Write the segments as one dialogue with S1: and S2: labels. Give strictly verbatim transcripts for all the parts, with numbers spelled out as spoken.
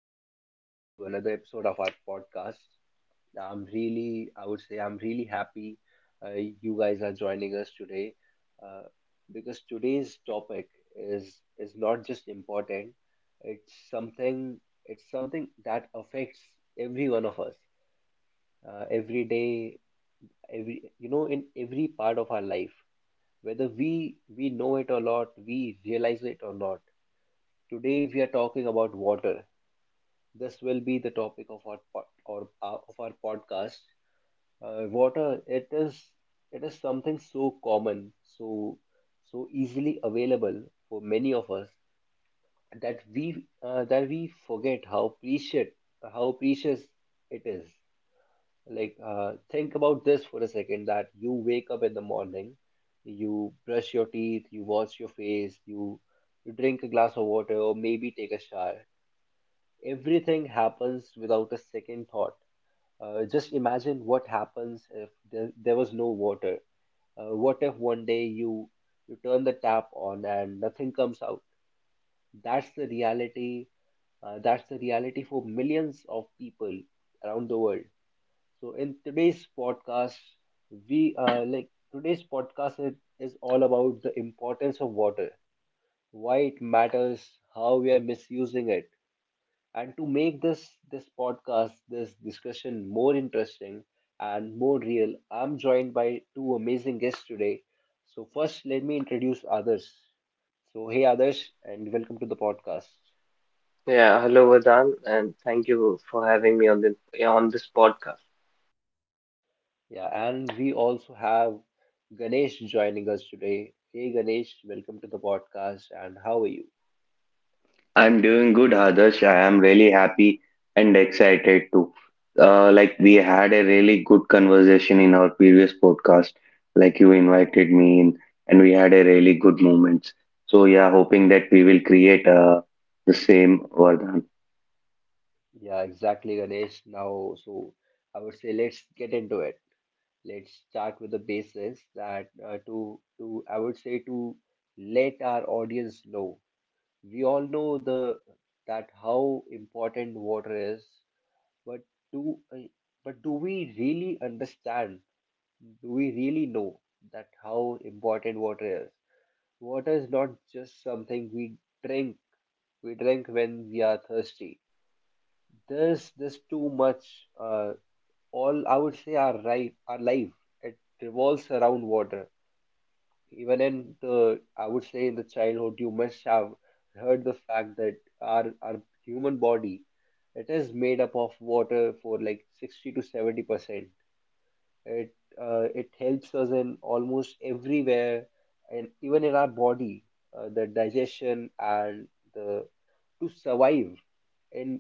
S1: uh, welcome back to another episode of our podcast. I'm really, I would say, I'm really happy uh, you guys are joining us today uh, because today's topic is is not just important; it's something it's something that affects every one of us uh, every day, every you know, in every part of our life, whether we we know it or not, we realize it or not. Today we are talking about water. This will be the topic of our po- or uh, of our podcast. Uh, water, it is it is something so common, so so easily available for many of us that we uh, that we forget how precious how precious it is. Like uh, think about this for a second that you wake up in the morning, you brush your teeth, you wash your face, you you drink a glass of water or maybe take a shower. Everything happens without a second thought. Uh, just imagine what happens if there, there was no water. Uh, what if one day you you turn the tap on and nothing comes out? That's the reality. Uh, that's the reality for millions of people around the world. So in today's podcast, we uh, like today's podcast is, is all about the importance of water, why it matters, how we are misusing it, and to make this this podcast, this discussion more interesting and more real, I'm joined by two amazing guests today. So first, let me introduce others. So hey others, and welcome to the podcast.
S2: Yeah, hello Vedant, and thank you for having me on this yeah, on this podcast.
S1: Yeah, and we also have Ganesh joining us today. Hey Ganesh, welcome to the podcast, and how are you?
S3: I'm doing good, Adarsh. I am really happy and excited too. Uh, like we had a really good conversation in our previous podcast. Like you invited me in, and we had a really good moments. So yeah, hoping that we will create uh, the same, Vardhan.
S1: Yeah, exactly, Ganesh. Now, so I would say let's get into it. Let's start with the basis that uh, to to I would say to let our audience know. We all know the that how important water is, but do uh, but do we really understand? Do we really know that how important water is? Water is not just something we drink. We drink when we are thirsty, there's there's too much. Uh, all I would say, our life, our life, it revolves around water. Even in the, I would say in the childhood, you must have heard the fact that our our human body, it is made up of water for like sixty to seventy percent. It uh, it helps us in almost everywhere, and even in our body, uh, the digestion and the to survive. And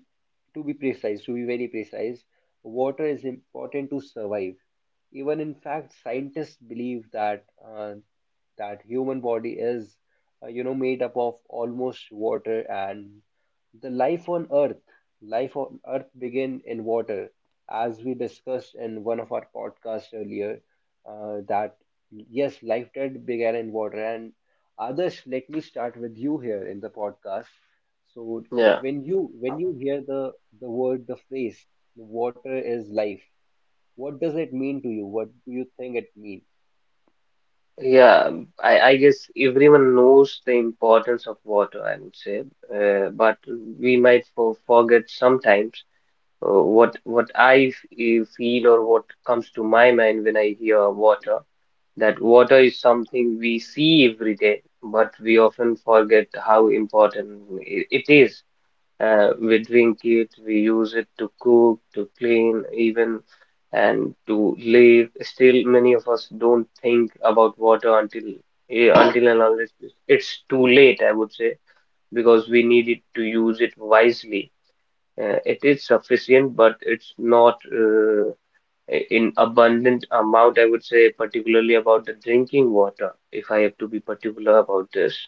S1: to be precise, to be very precise, water is important to survive. Even in fact, scientists believe that uh, that human body is uh, you know made up of almost water, and the life on earth life on earth begin in water as we discussed in one of our podcasts earlier, uh, that yes, life did began in water. And Adarsh, let me start with you here in the podcast. So, like
S2: Yeah,
S1: when you when you hear the the word, the phrase, water is life. What does it mean to you? What do you think it means?
S2: yeah, I, I guess everyone knows the importance of water, I would say, uh, but we might for, forget sometimes, uh, what what I f- eh, feel, or what comes to my mind when I hear water. That water is something we see every day, but we often forget how important i- it is. Uh, we drink it, we use it to cook, to clean, even and to live. Still, many of us don't think about water until eh, until and unless it's too late, I would say, because we needed to use it wisely. Uh, it is sufficient, but it's not, uh, i- in abundant amount, I would say, particularly about the drinking water, if I have to be particular about this.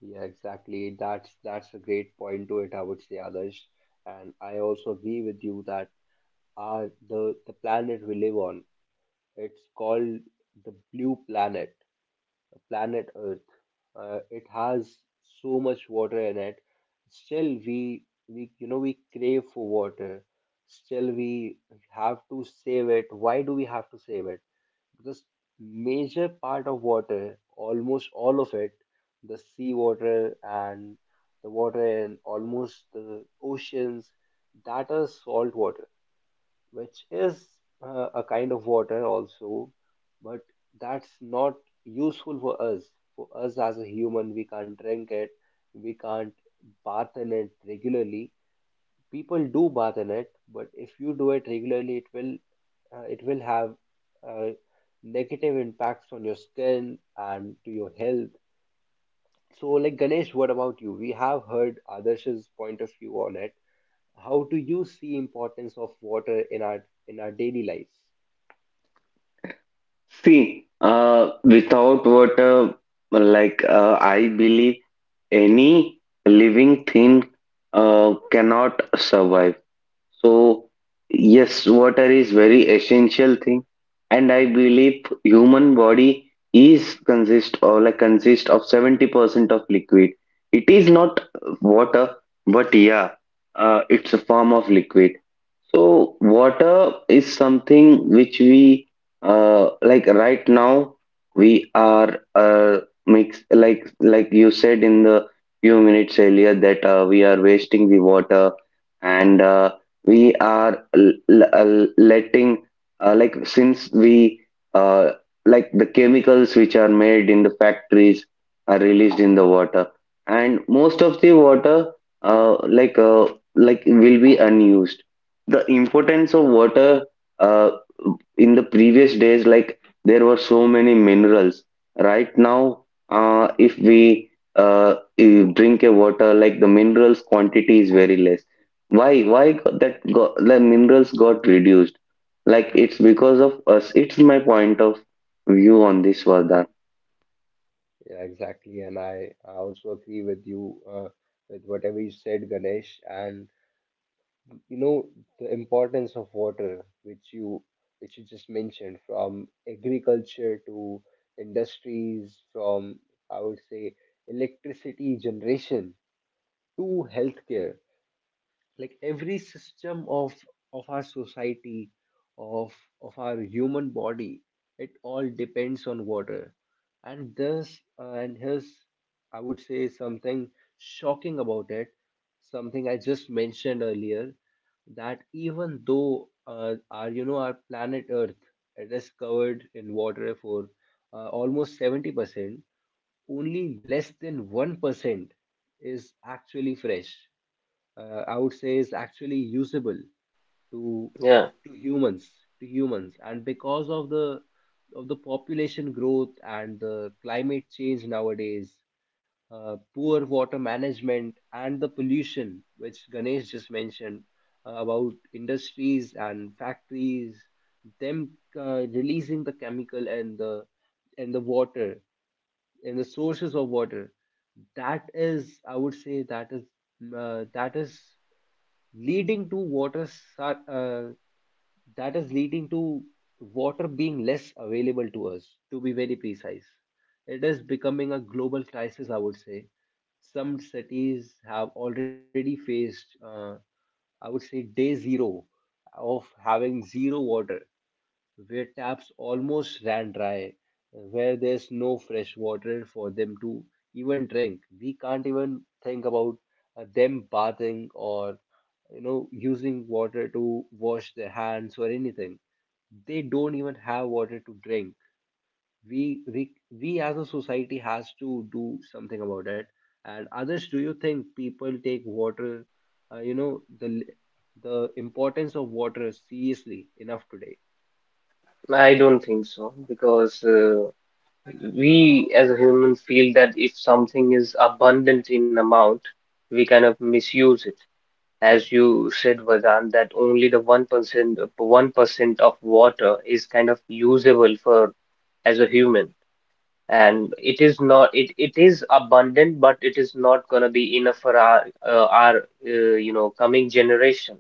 S1: Yeah, exactly. That's that's a great point to it, I would say, Adarsh. And I also agree with you that our the the planet we live on, it's called the blue planet, planet Earth. Uh, it has so much water in it. Still, we we you know we crave for water. Still, we have to save it. Why do we have to save it? Because major part of water, almost all of it, the sea water and the water in almost the oceans, that is salt water, which is uh, a kind of water also, but that's not useful for us. For us as a human, we can't drink it, we can't bath in it regularly. People do bath in it, but if you do it regularly, it will uh, it will have uh, negative impacts on your skin and to your health. So, like Ganesh, what about you? We have heard Adarsh's point of view on it. How do you see importance of water in our in our daily lives?
S3: See, uh, without water, like uh, I believe any living thing uh, cannot survive. So yes, water is very essential thing, and I believe human body is consist or like consist of seventy percent of liquid. It is not water, but yeah, uh, it's a form of liquid. So water is something which we uh, like right now we are uh, mix, like like you said in the few minutes earlier that uh, we are wasting the water, and uh, we are l- l- l- letting uh, like since we uh, like, the chemicals which are made in the factories are released in the water, and most of the water uh, like uh, like will be unused. The importance of water, uh, in the previous days, like there were so many minerals. Right now, uh, if we uh, eh, drink a water, like the minerals quantity is very less. Why? Why got that got, the minerals got reduced? Like it's because of us. It's my point of view on this, Vardhan.
S1: Yeah, exactly. And I, I also agree with you uh, with whatever you said, Ganesh. And you know the importance of water, which you which you just mentioned, from agriculture to industries, from I would say electricity generation to healthcare, like every system of of our society of of our human body, it all depends on water. And this uh, and here's I would say something shocking about it, something I just mentioned earlier, that even though uh, our you know our planet Earth, it is covered in water for uh, almost seventy percent, only less than one percent is actually fresh, uh, I would say is actually usable to
S2: Yeah,
S1: to humans to humans. And because of the of the population growth and the climate change nowadays, uh, poor water management and the pollution which Ganesh just mentioned, uh, about industries and factories, them uh, releasing the chemical and the and the water and the sources of water, that is I would say that is uh, that is leading to water sa- uh, that is leading to water being less available to us, to be very precise. It is becoming a global crisis, I would say. Some cities have already faced uh, I would say day zero of having zero water, where taps almost ran dry, where there's no fresh water for them to even drink. We can't even think about uh, them bathing or you know using water to wash their hands or anything. They don't even have water to drink. We we we as a society has to do something about it. And others, do you think people take water, uh, you know, the the importance of water seriously enough today?
S2: I don't think so because. Uh, we as a human feel that if something is abundant in amount, we kind of misuse it. As you said, Vedant, that only the one percent one percent of water is kind of usable for as a human, and it is not it it is abundant, but it is not going to be enough for our uh, our uh, you know, coming generation.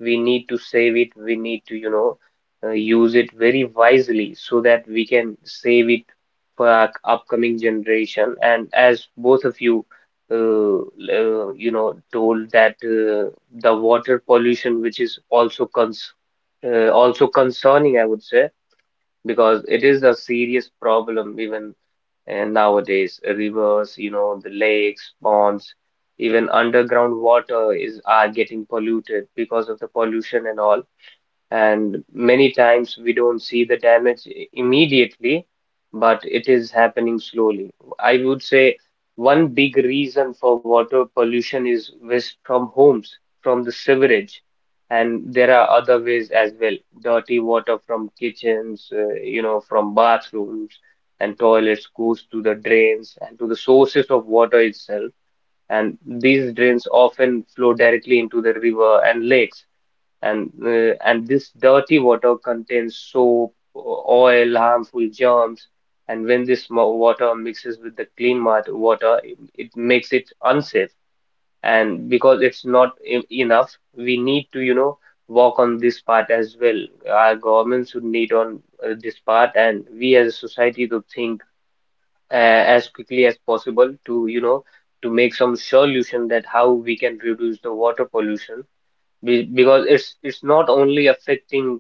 S2: We need to save it, we need to, you know, uh, use it very wisely, so that we can save it for our upcoming generation. And as both of you, uh, uh, you know, told that, uh, the water pollution, which is also cons uh, also concerning, I would say, because it is a serious problem even, and nowadays, rivers, you know, the lakes, ponds, even underground water is are getting polluted because of the pollution and all, and many times we don't see the damage i- immediately, but it is happening slowly. I would say one big reason for water pollution is waste from homes, from the sewerage, and there are other ways as well. Dirty water from kitchens, uh, you know, from bathrooms and toilets goes to the drains and to the sources of water itself. And these drains often flow directly into the river and lakes, and uh, and this dirty water contains soap, o- oil, harmful germs, and when this mo- water mixes with the clean mat- water, it, it makes it unsafe. And because it's not e- enough, we need to, you know, work on this part as well. Our governments should need on, uh, this part, and we as a society to think, uh, as quickly as possible, to, you know, to make some solution that how we can reduce the water pollution, be- because it's it's not only affecting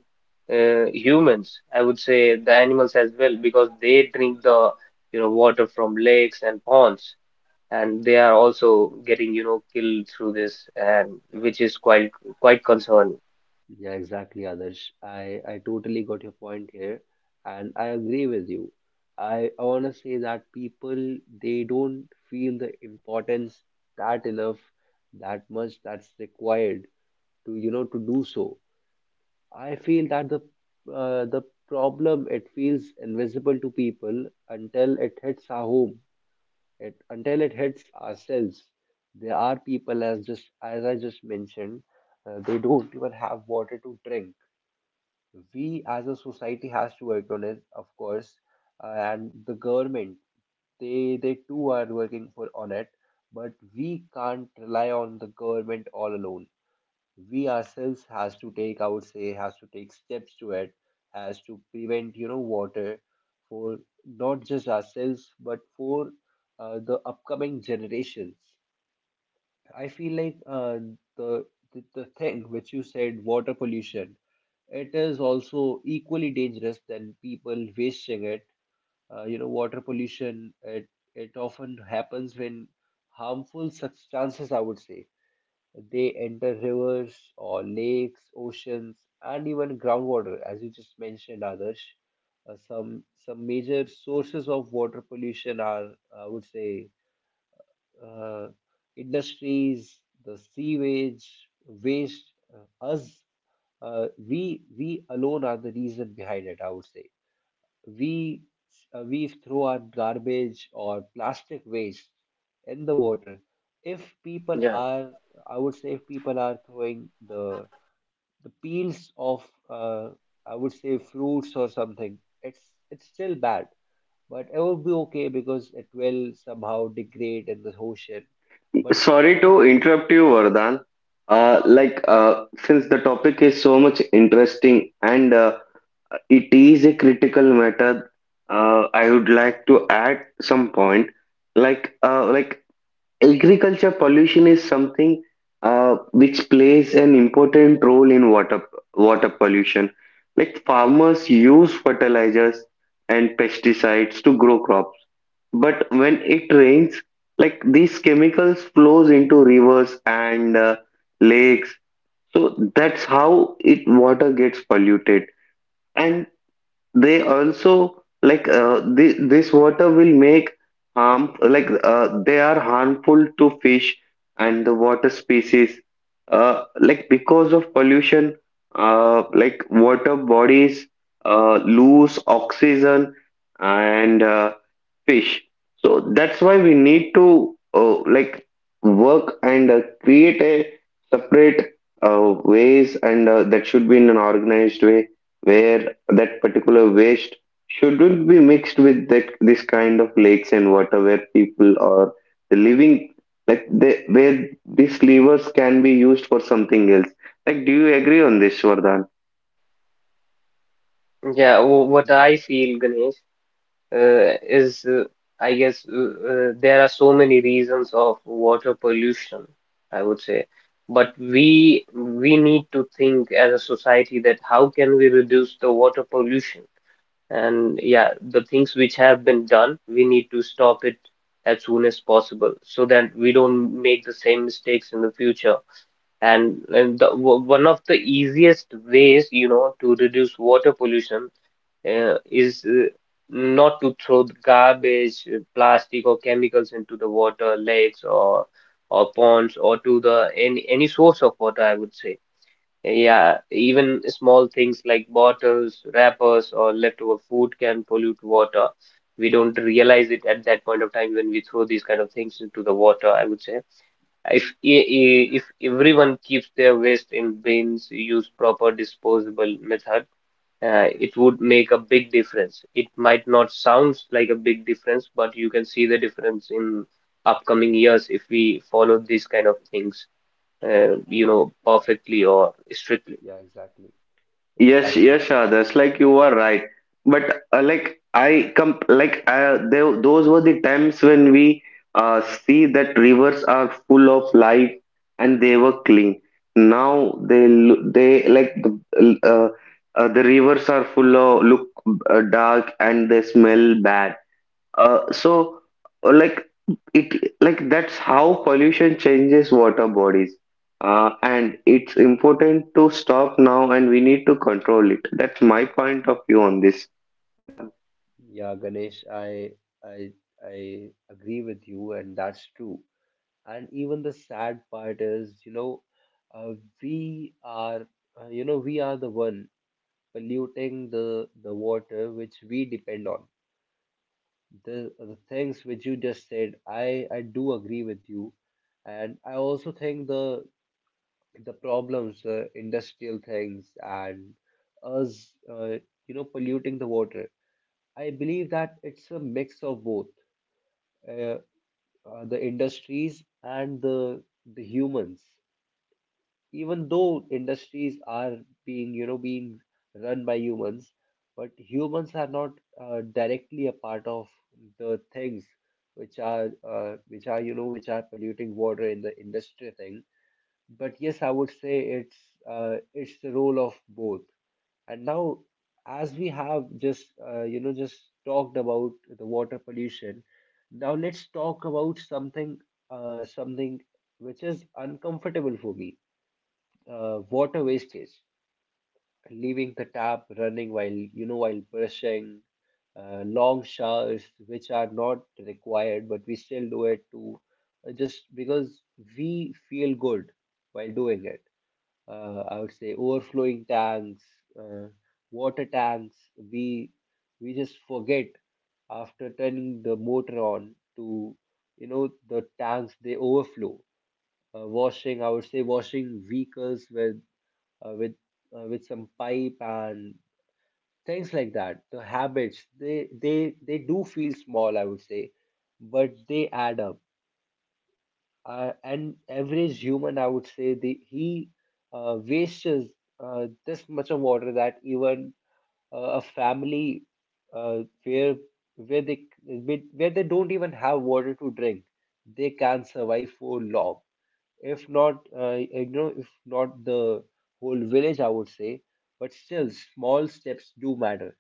S2: uh, humans, I would say the animals as well, because they drink the, you know, water from lakes and ponds, and they are also getting, you know, killed through this, and
S1: Uh,
S2: which is quite quite concerning.
S1: Yeah, exactly, Adarsh. I, I totally got your point here, and I agree with you. I, I want to say that people, they don't feel the importance that enough, that much that's required to you know to do so. I feel that the uh, the problem, it feels invisible to people until it hits our home, it until it hits ourselves. There are people as just as I just mentioned, uh, they don't even have water to drink. We as a society has to work on it, of course, uh, and the government, they they too are working for on it, but we can't rely on the government all alone. We ourselves has to take, I would say, has to take steps to it, has to prevent you know water for not just ourselves but for uh, the upcoming generations. I feel like uh, the, the the thing which you said, water pollution, it is also equally dangerous than people wasting it. Uh, you know, water pollution, it it often happens when harmful substances, I would say, they enter rivers or lakes, oceans, and even groundwater, as you just mentioned, Adarsh. Uh, some some major sources of water pollution are, I would say, uh, industries, the sewage, waste, uh, us, uh, we we alone are the reason behind it. I would say we uh, we throw our garbage or plastic waste in the water. If people
S2: Yeah,
S1: are, I would say, if people are throwing the the peels of uh, I would say fruits or something. It's it's still bad, but it will be okay because it will somehow degrade in the ocean. But
S3: Sorry
S1: people,
S3: to interrupt you, Vardhan. Uh, like uh, since the topic is so much interesting and uh, it is a critical matter, uh, I would like to add some point. Like uh, like agriculture pollution is something uh, which plays an important role in water water pollution. Like farmers use fertilizers and pesticides to grow crops, but when it rains, like these chemicals flows into rivers and uh, lakes. So that's how it water gets polluted. And they also, like uh, thi- this water will make harm, like uh, they are harmful to fish and the water species. Uh, like, because of pollution, uh, like water bodies uh, lose oxygen and uh, fish. So that's why we need to, uh, like, work and uh, create a separate uh, ways, and uh, that should be in an organized way where that particular waste shouldn't be mixed with that this kind of lakes and water where people are the living, like they, where these levers can be used for something else. Like, do you agree on this, Vardhan?
S2: yeah. wh- What
S1: yeah,
S2: I feel, Ganesh, uh, is uh, I guess, uh, uh, there are so many reasons of water pollution, I would say. But we we need to think as a society that how can we reduce the water pollution? And yeah, the things which have been done, we need to stop it as soon as possible, so that we don't make the same mistakes in the future. And, and the, w- one of the easiest ways, you know, to reduce water pollution, uh, is uh, not to throw the garbage, uh, plastic, or chemicals into the water, lakes, or or ponds, or to the any any source of water, I would say. Yeah, even small things like bottles, wrappers, or leftover food can pollute water. We don't realize it at that point of time when we throw these kind of things into the water, I would say. If e- e- if everyone keeps their waste in bins, use proper disposable method, uh, it would make a big difference. It might not sound like a big difference, but you can see the difference in upcoming years if we follow these kind of things, uh, you know,
S1: yeah,
S2: perfectly or strictly.
S1: yeah, exactly,
S3: Yes,
S1: exactly,
S3: yes,
S1: Adarsh.
S3: Adarsh, like you are right. But uh, like I come, like uh, they, those were the times when we uh, see that rivers are full of life and they were clean. Now they lo- they like the, uh, uh, the rivers are full of look uh, dark, and they smell bad. Uh, so uh, like it like that's how pollution changes water bodies. Uh, and it's important to stop now, and we need to control it. That's my point of view on this.
S1: Yeah, Ganesh, I I I agree with you, and that's true. And even the sad part is, you know, uh, we are, uh, you know, we are the one polluting the the water which we depend on. the the things which you just said, i i do agree with you, and I also think the the problems, the industrial things and us, uh, you know, polluting the water. I believe that it's a mix of both, uh, uh, the industries and the the humans. Even though industries are being you know being run by humans, but humans are not uh, directly a part of the things which are uh, which are you know which are polluting water in the industry thing. But yes, I would say it's uh, it's the role of both. And now, as we have just uh, you know just talked about the water pollution, now let's talk about something uh, something which is uncomfortable for me. Uh, water wastage, leaving the tap running while you know while brushing, uh, long showers which are not required, but we still do it to uh, just because we feel good while doing it. Uh, I would say overflowing tanks, uh, water tanks. We we just forget after turning the motor on to you know the tanks they overflow. Uh, washing, I would say washing vehicles with uh, with uh, with some pipe and things like that. The habits, they they they do feel small, I would say, but they add up. Uh, and average human, I would say, the he uh, wastes uh, this much of water that even uh, a family uh, where where they where they don't even have water to drink, they can survive for long if not uh, you know if not the whole village, I would say, but still small steps do matter.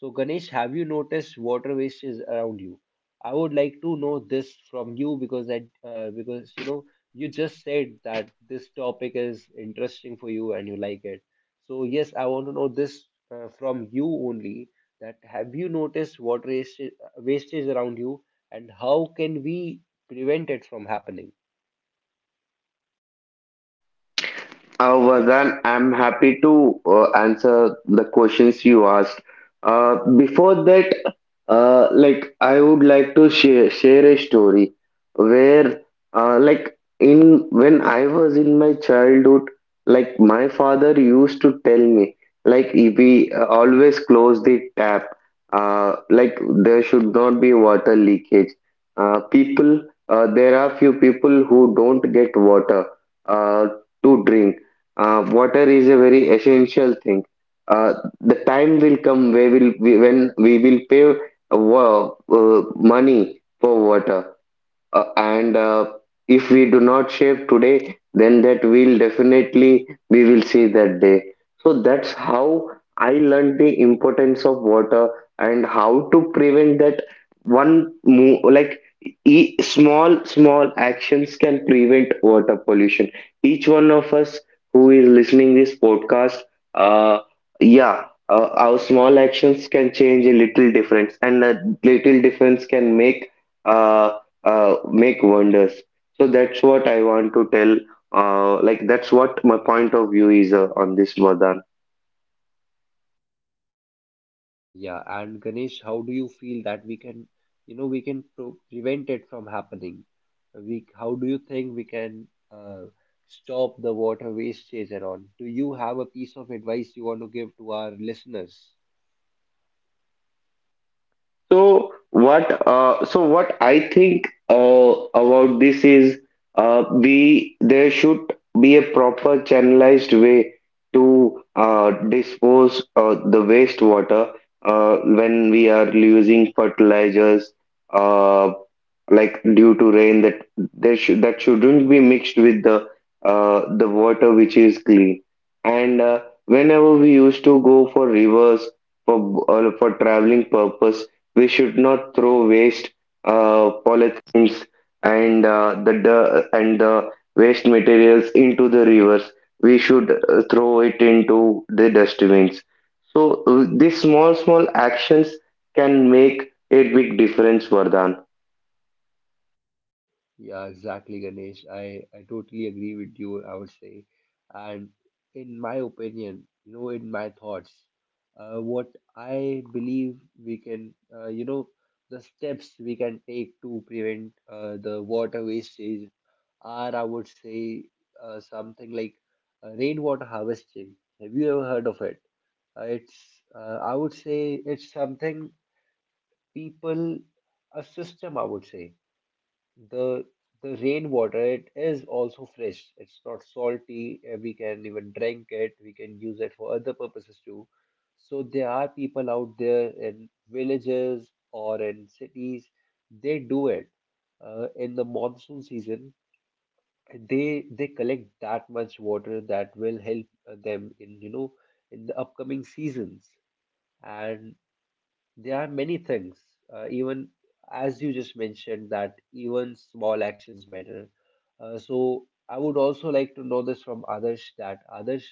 S1: So Ganesh, have you noticed water waste is around you? I would like to know this from you because that uh, because you know you just said that this topic is interesting for you and you like it, so yes, I want to know this uh, from you only, that have you noticed water waste waste is around you and how can we prevent it from happening?
S3: Uh, Vardhan, I'm happy to uh, answer the questions you asked. Uh, before that, uh, like I would like to share share a story where, uh, like in when I was in my childhood, like my father used to tell me, like we uh, always close the tap, uh, like there should not be water leakage. Uh, people, uh, there are few people who don't get water uh, to drink. Uh, water is a very essential thing. Uh, the time will come where will we, when we will pay uh, wa- uh, money for water, uh, and uh, if we do not shape today, then that will definitely, we will see that day. So that's how I learned the importance of water and how to prevent that. One move, like e- small small actions can prevent water pollution. Each one of us who is listening this podcast, uh yeah uh, our small actions can change a little difference, and a little difference can make uh, uh, make wonders. So that's what I want to tell. Uh, like that's what my point of view is uh, on this, Vardhan.
S1: Yeah, and Ganesh, how do you feel that we can, you know, we can pro prevent it from happening? We, how do you think we can uh, stop the water wastage and all? Do you have a piece of advice you want to give to our listeners?
S3: So what uh, so what I think uh, about this is, uh, we, there should be a proper channelized way to uh, dispose uh, the wastewater uh, when we are using fertilizers, uh, like due to rain, that there should, that shouldn't be mixed with the uh, the water which is clean. And uh, whenever we used to go for rivers for uh, for traveling purposes, we should not throw waste, uh, polythenes and uh, the dir- and the waste materials into the rivers. We should uh, throw it into the dustbins. So uh, these small small actions can make a big difference, Vardhan.
S1: Yeah, exactly, Ganesh. I, I totally agree with you, I would say. And in my opinion, you know, in my thoughts, uh, what I believe we can, uh, you know, the steps we can take to prevent uh, the water wastage are, I would say, uh, something like uh, rainwater harvesting. Have you ever heard of it? Uh, it's, uh, I would say it's something people, a system, I would say, the the rainwater, it is also fresh, it's not salty. Uh, we can even drink it, we can use it for other purposes too. So there are people out there in villages or in cities, they do it uh, in the monsoon season. They they collect that much water that will help uh, them in, you know, in the upcoming seasons. And there are many things, uh, even as you just mentioned, that even small actions matter. Uh, so I would also like to know this from Adarsh that Adarsh,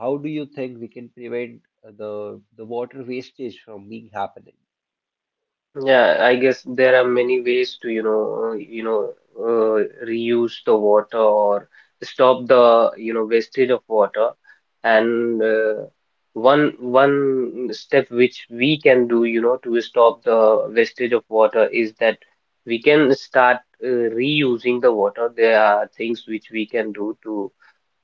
S1: how do you think we can prevent uh, the the water wastage from being happening?
S2: Yeah, I guess there are many ways to, you know, uh, you know, uh, reuse the water, or stop the, you know, wastage of water. And uh, one one step which we can do, you know, to stop the wastage of water is that we can start uh, reusing the water. There are things which we can do to,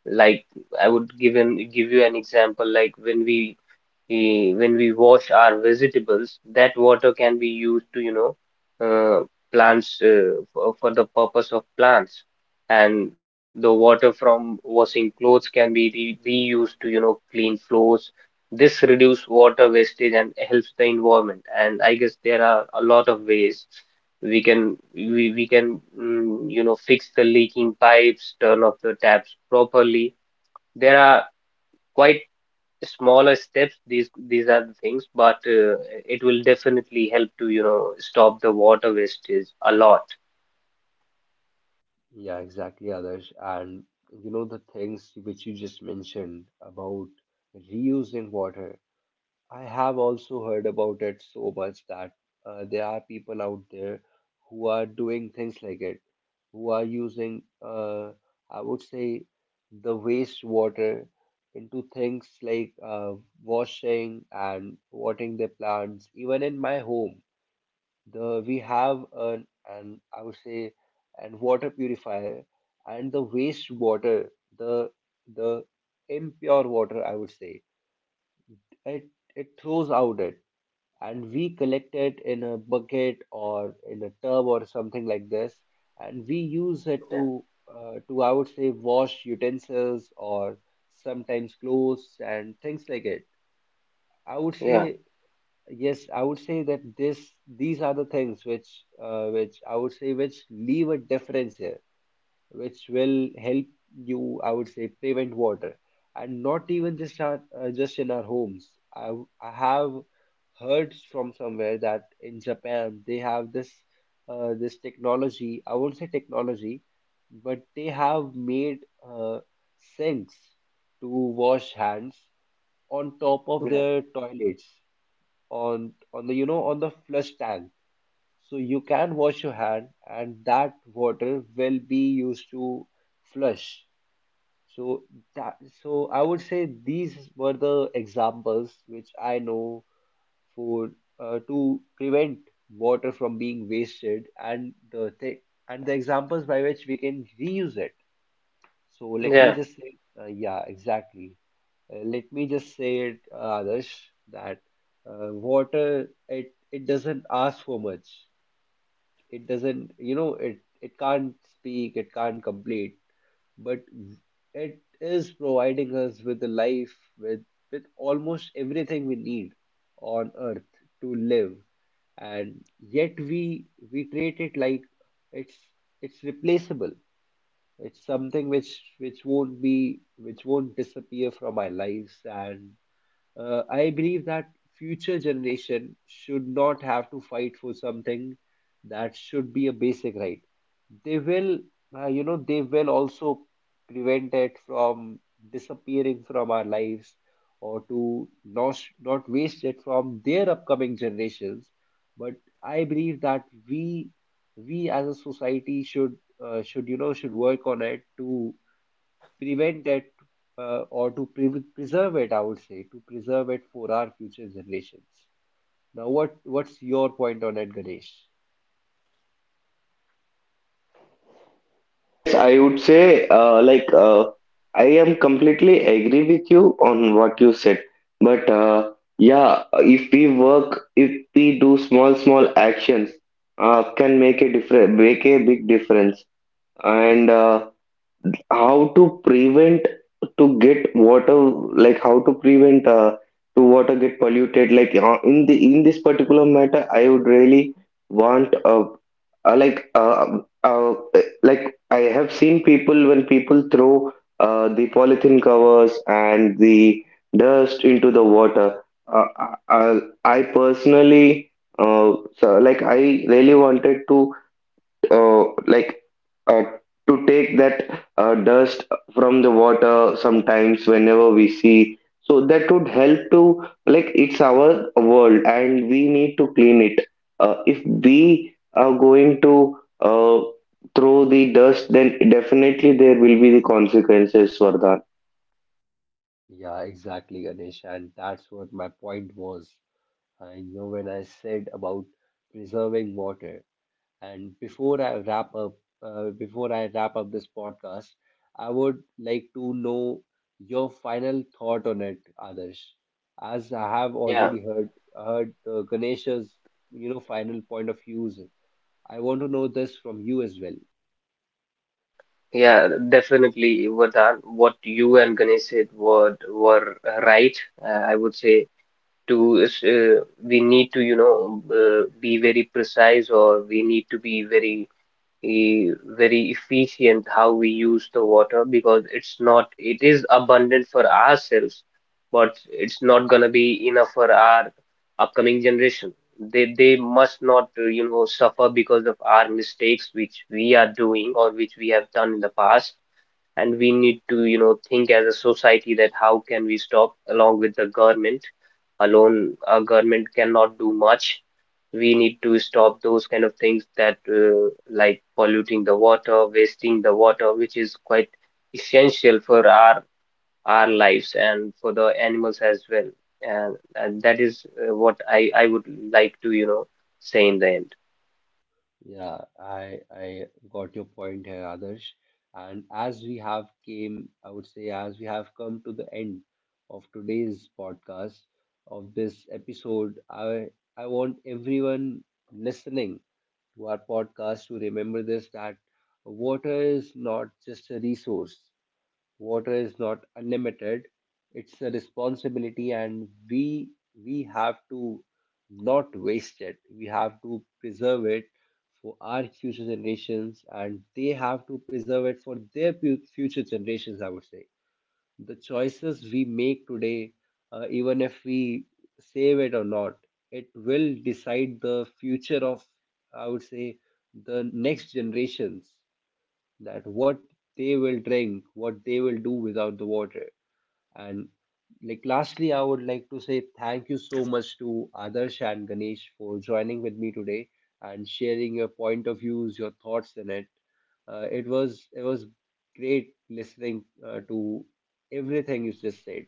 S2: like, I would give an give you an example, like when we, eh, when we wash our vegetables, that water can be used to, you know, uh, plants, uh, for, for the purpose of plants. And the water from washing clothes can be re reused to, you know, clean floors. This reduce water wastage and helps the environment. And I guess there are a lot of ways we can we, we can mm, you know, fix the leaking pipes, turn off the taps properly. There are quite smaller steps, these these are the things, but uh, it will definitely help to, you know, stop the water wastage a lot.
S1: Yeah, exactly, Adarsh. And you know the things which you just mentioned about reusing water, I have also heard about it so much. That uh, there are people out there who are doing things like it, who are using, uh, I would say, the waste water into things like uh, washing and watering their plants. Even in my home, the we have an, an I would say, an water purifier, and the waste water, the the impure water, I would say, it it throws out it and we collect it in a bucket or in a tub or something like this, and we use it
S2: Yeah,
S1: to uh, to, I would say, wash utensils or sometimes clothes and things like it, I would say.
S2: yeah,
S1: Yes, I would say that this these are the things which uh, which I would say, which leave a difference here, which will help you, I would say, prevent water. And not even just our, uh, just in our homes. I, w- I have heard from somewhere that in Japan they have this uh, this technology. I won't say technology, but they have made uh, sinks to wash hands on top of
S2: yeah,
S1: their toilets, on on the, you know, on the flush tank, so you can wash your hand and that water will be used to flush. So that so I would say these were the examples which I know for uh, to prevent water from being wasted, and the th- and the examples by which we can reuse it. So let
S2: yeah,
S1: me just say, uh, yeah, exactly. Uh, let me just say it, uh, Adarsh, that uh, water, it it doesn't ask for much. It doesn't, you know, it it can't speak, it can't complete, but it is providing us with the life, with with almost everything we need on earth to live. And yet we we treat it like it's it's replaceable, it's something which which won't be, which won't disappear from our lives. And uh, I believe that future generation should not have to fight for something that should be a basic right. They will, uh, you know, they will also prevent it from disappearing from our lives, or to not not waste it from their upcoming generations. But I believe that we we as a society should, uh, should, you know, should work on it to prevent that, uh, or to pre- preserve it, I would say, to preserve it for our future generations. Now, what what's your point on it, Ganesh?
S3: Yes, I would say, uh, like, uh, I am completely agree with you on what you said. But uh, yeah, if we work, if we do small, small actions, uh, can make a difference, make a big difference. And uh, how to prevent to get water, like how to prevent uh, to water get polluted, like uh, in the in this particular matter, I would really want, uh, uh, like uh, uh, like I have seen people, when people throw uh, the polythene covers and the dust into the water, uh, uh, I personally, uh, so like I really wanted to, uh, like uh, to take that uh, dust from the water sometimes whenever we see. So that would help to, like, it's our world and we need to clean it. Uh, if we are going to uh, throw the dust, then definitely there will be the consequences, Vardhan.
S1: Yeah, exactly, Ganesh, and that's what my point was. I know, when I said about preserving water, and before I wrap up, uh, before I wrap up this podcast, I would like to know your final thought on it, Adarsh. As I have
S2: yeah,
S1: already heard heard uh, Ganesh's, you know, final point of views, I want to know this from you as well.
S2: yeah, definitely Vardhan, what you and Ganesh said were were right. uh, I would say to is, uh, we need to, you know, uh, be very precise, or we need to be very, eh, very efficient how we use the water, because it's not, it is abundant for ourselves, but it's not gonna be enough for our upcoming generation. They they must not, uh, you know, suffer because of our mistakes, which we are doing or which we have done in the past. And we need to, you know, think as a society that how can we stop, along with the government, alone a government cannot do much. We need to stop those kind of things, that, uh, like polluting the water, wasting the water, which is quite essential for our our lives and for the animals as well. And, and That is uh, what I I would like to, you know, say in the end.
S1: Yeah, I I got your point here, Adarsh. And as we have came, I would say, as we have come to the end of today's podcast, of this episode, I I want everyone listening to our podcast to remember this, that water is not just a resource. Water is not unlimited. It's a responsibility, and we we have to not waste it. We have to preserve it for our future generations, and they have to preserve it for their pu- future generations. I would say the choices we make today, uh, even if we save it or not, it will decide the future of, I would say, the next generations, that what they will drink, what they will do without the water. And like lastly, I would like to say thank you so much to Adarsh and Ganesh for joining with me today and sharing your point of views, your thoughts in it. Uh, it was it was great listening uh, to everything you just said.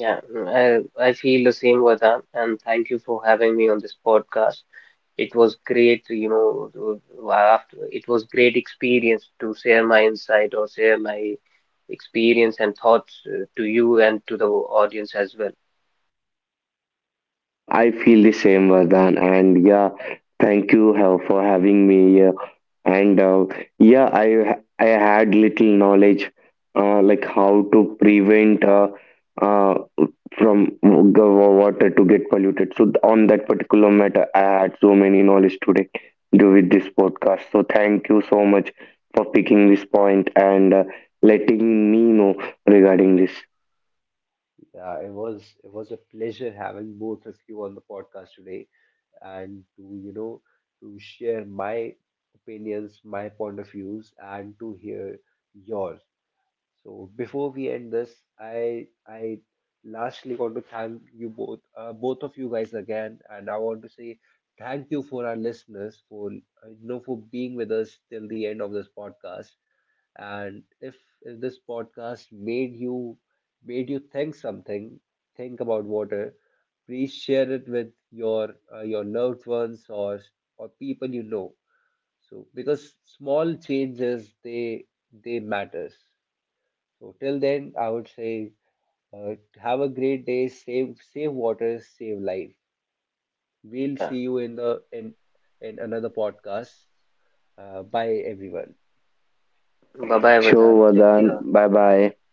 S2: Yeah, I I feel the same, Vardhan, and thank you for having me on this podcast. It was great, you know, to- after it was great experience to share my insight or share my experience and thoughts, uh, to you and to the audience as well.
S3: uh, I feel the same, Vardhan, and yeah, thank you uh, for having me here. And uh, yeah, i i had little knowledge, uh, like how to prevent, uh, uh, from the water to get polluted. So on that particular matter, I had so many knowledge today do with this podcast. So thank you so much for picking this point and uh, letting me know regarding this
S1: Yeah, it was it was a pleasure having both of you on the podcast today and to, you know, to share my opinions, my point of views, and to hear yours. So before we end this, I I lastly want to thank you both, uh, both of you guys again, and I want to say thank you for our listeners for uh, you know, for being with us till the end of this podcast. And if, if this podcast made you made you think something, think about water, please share it with your uh, your loved ones or or people you know, so because small changes, they they matters. So till then I would say, uh, have a great day, save save water, save life. We'll
S2: Yeah.
S1: see you in the in in another podcast. Uh, bye everyone.
S2: Bye bye,
S3: show,
S2: Vardhan. Take
S3: Vadan.
S2: care.
S3: Bye bye.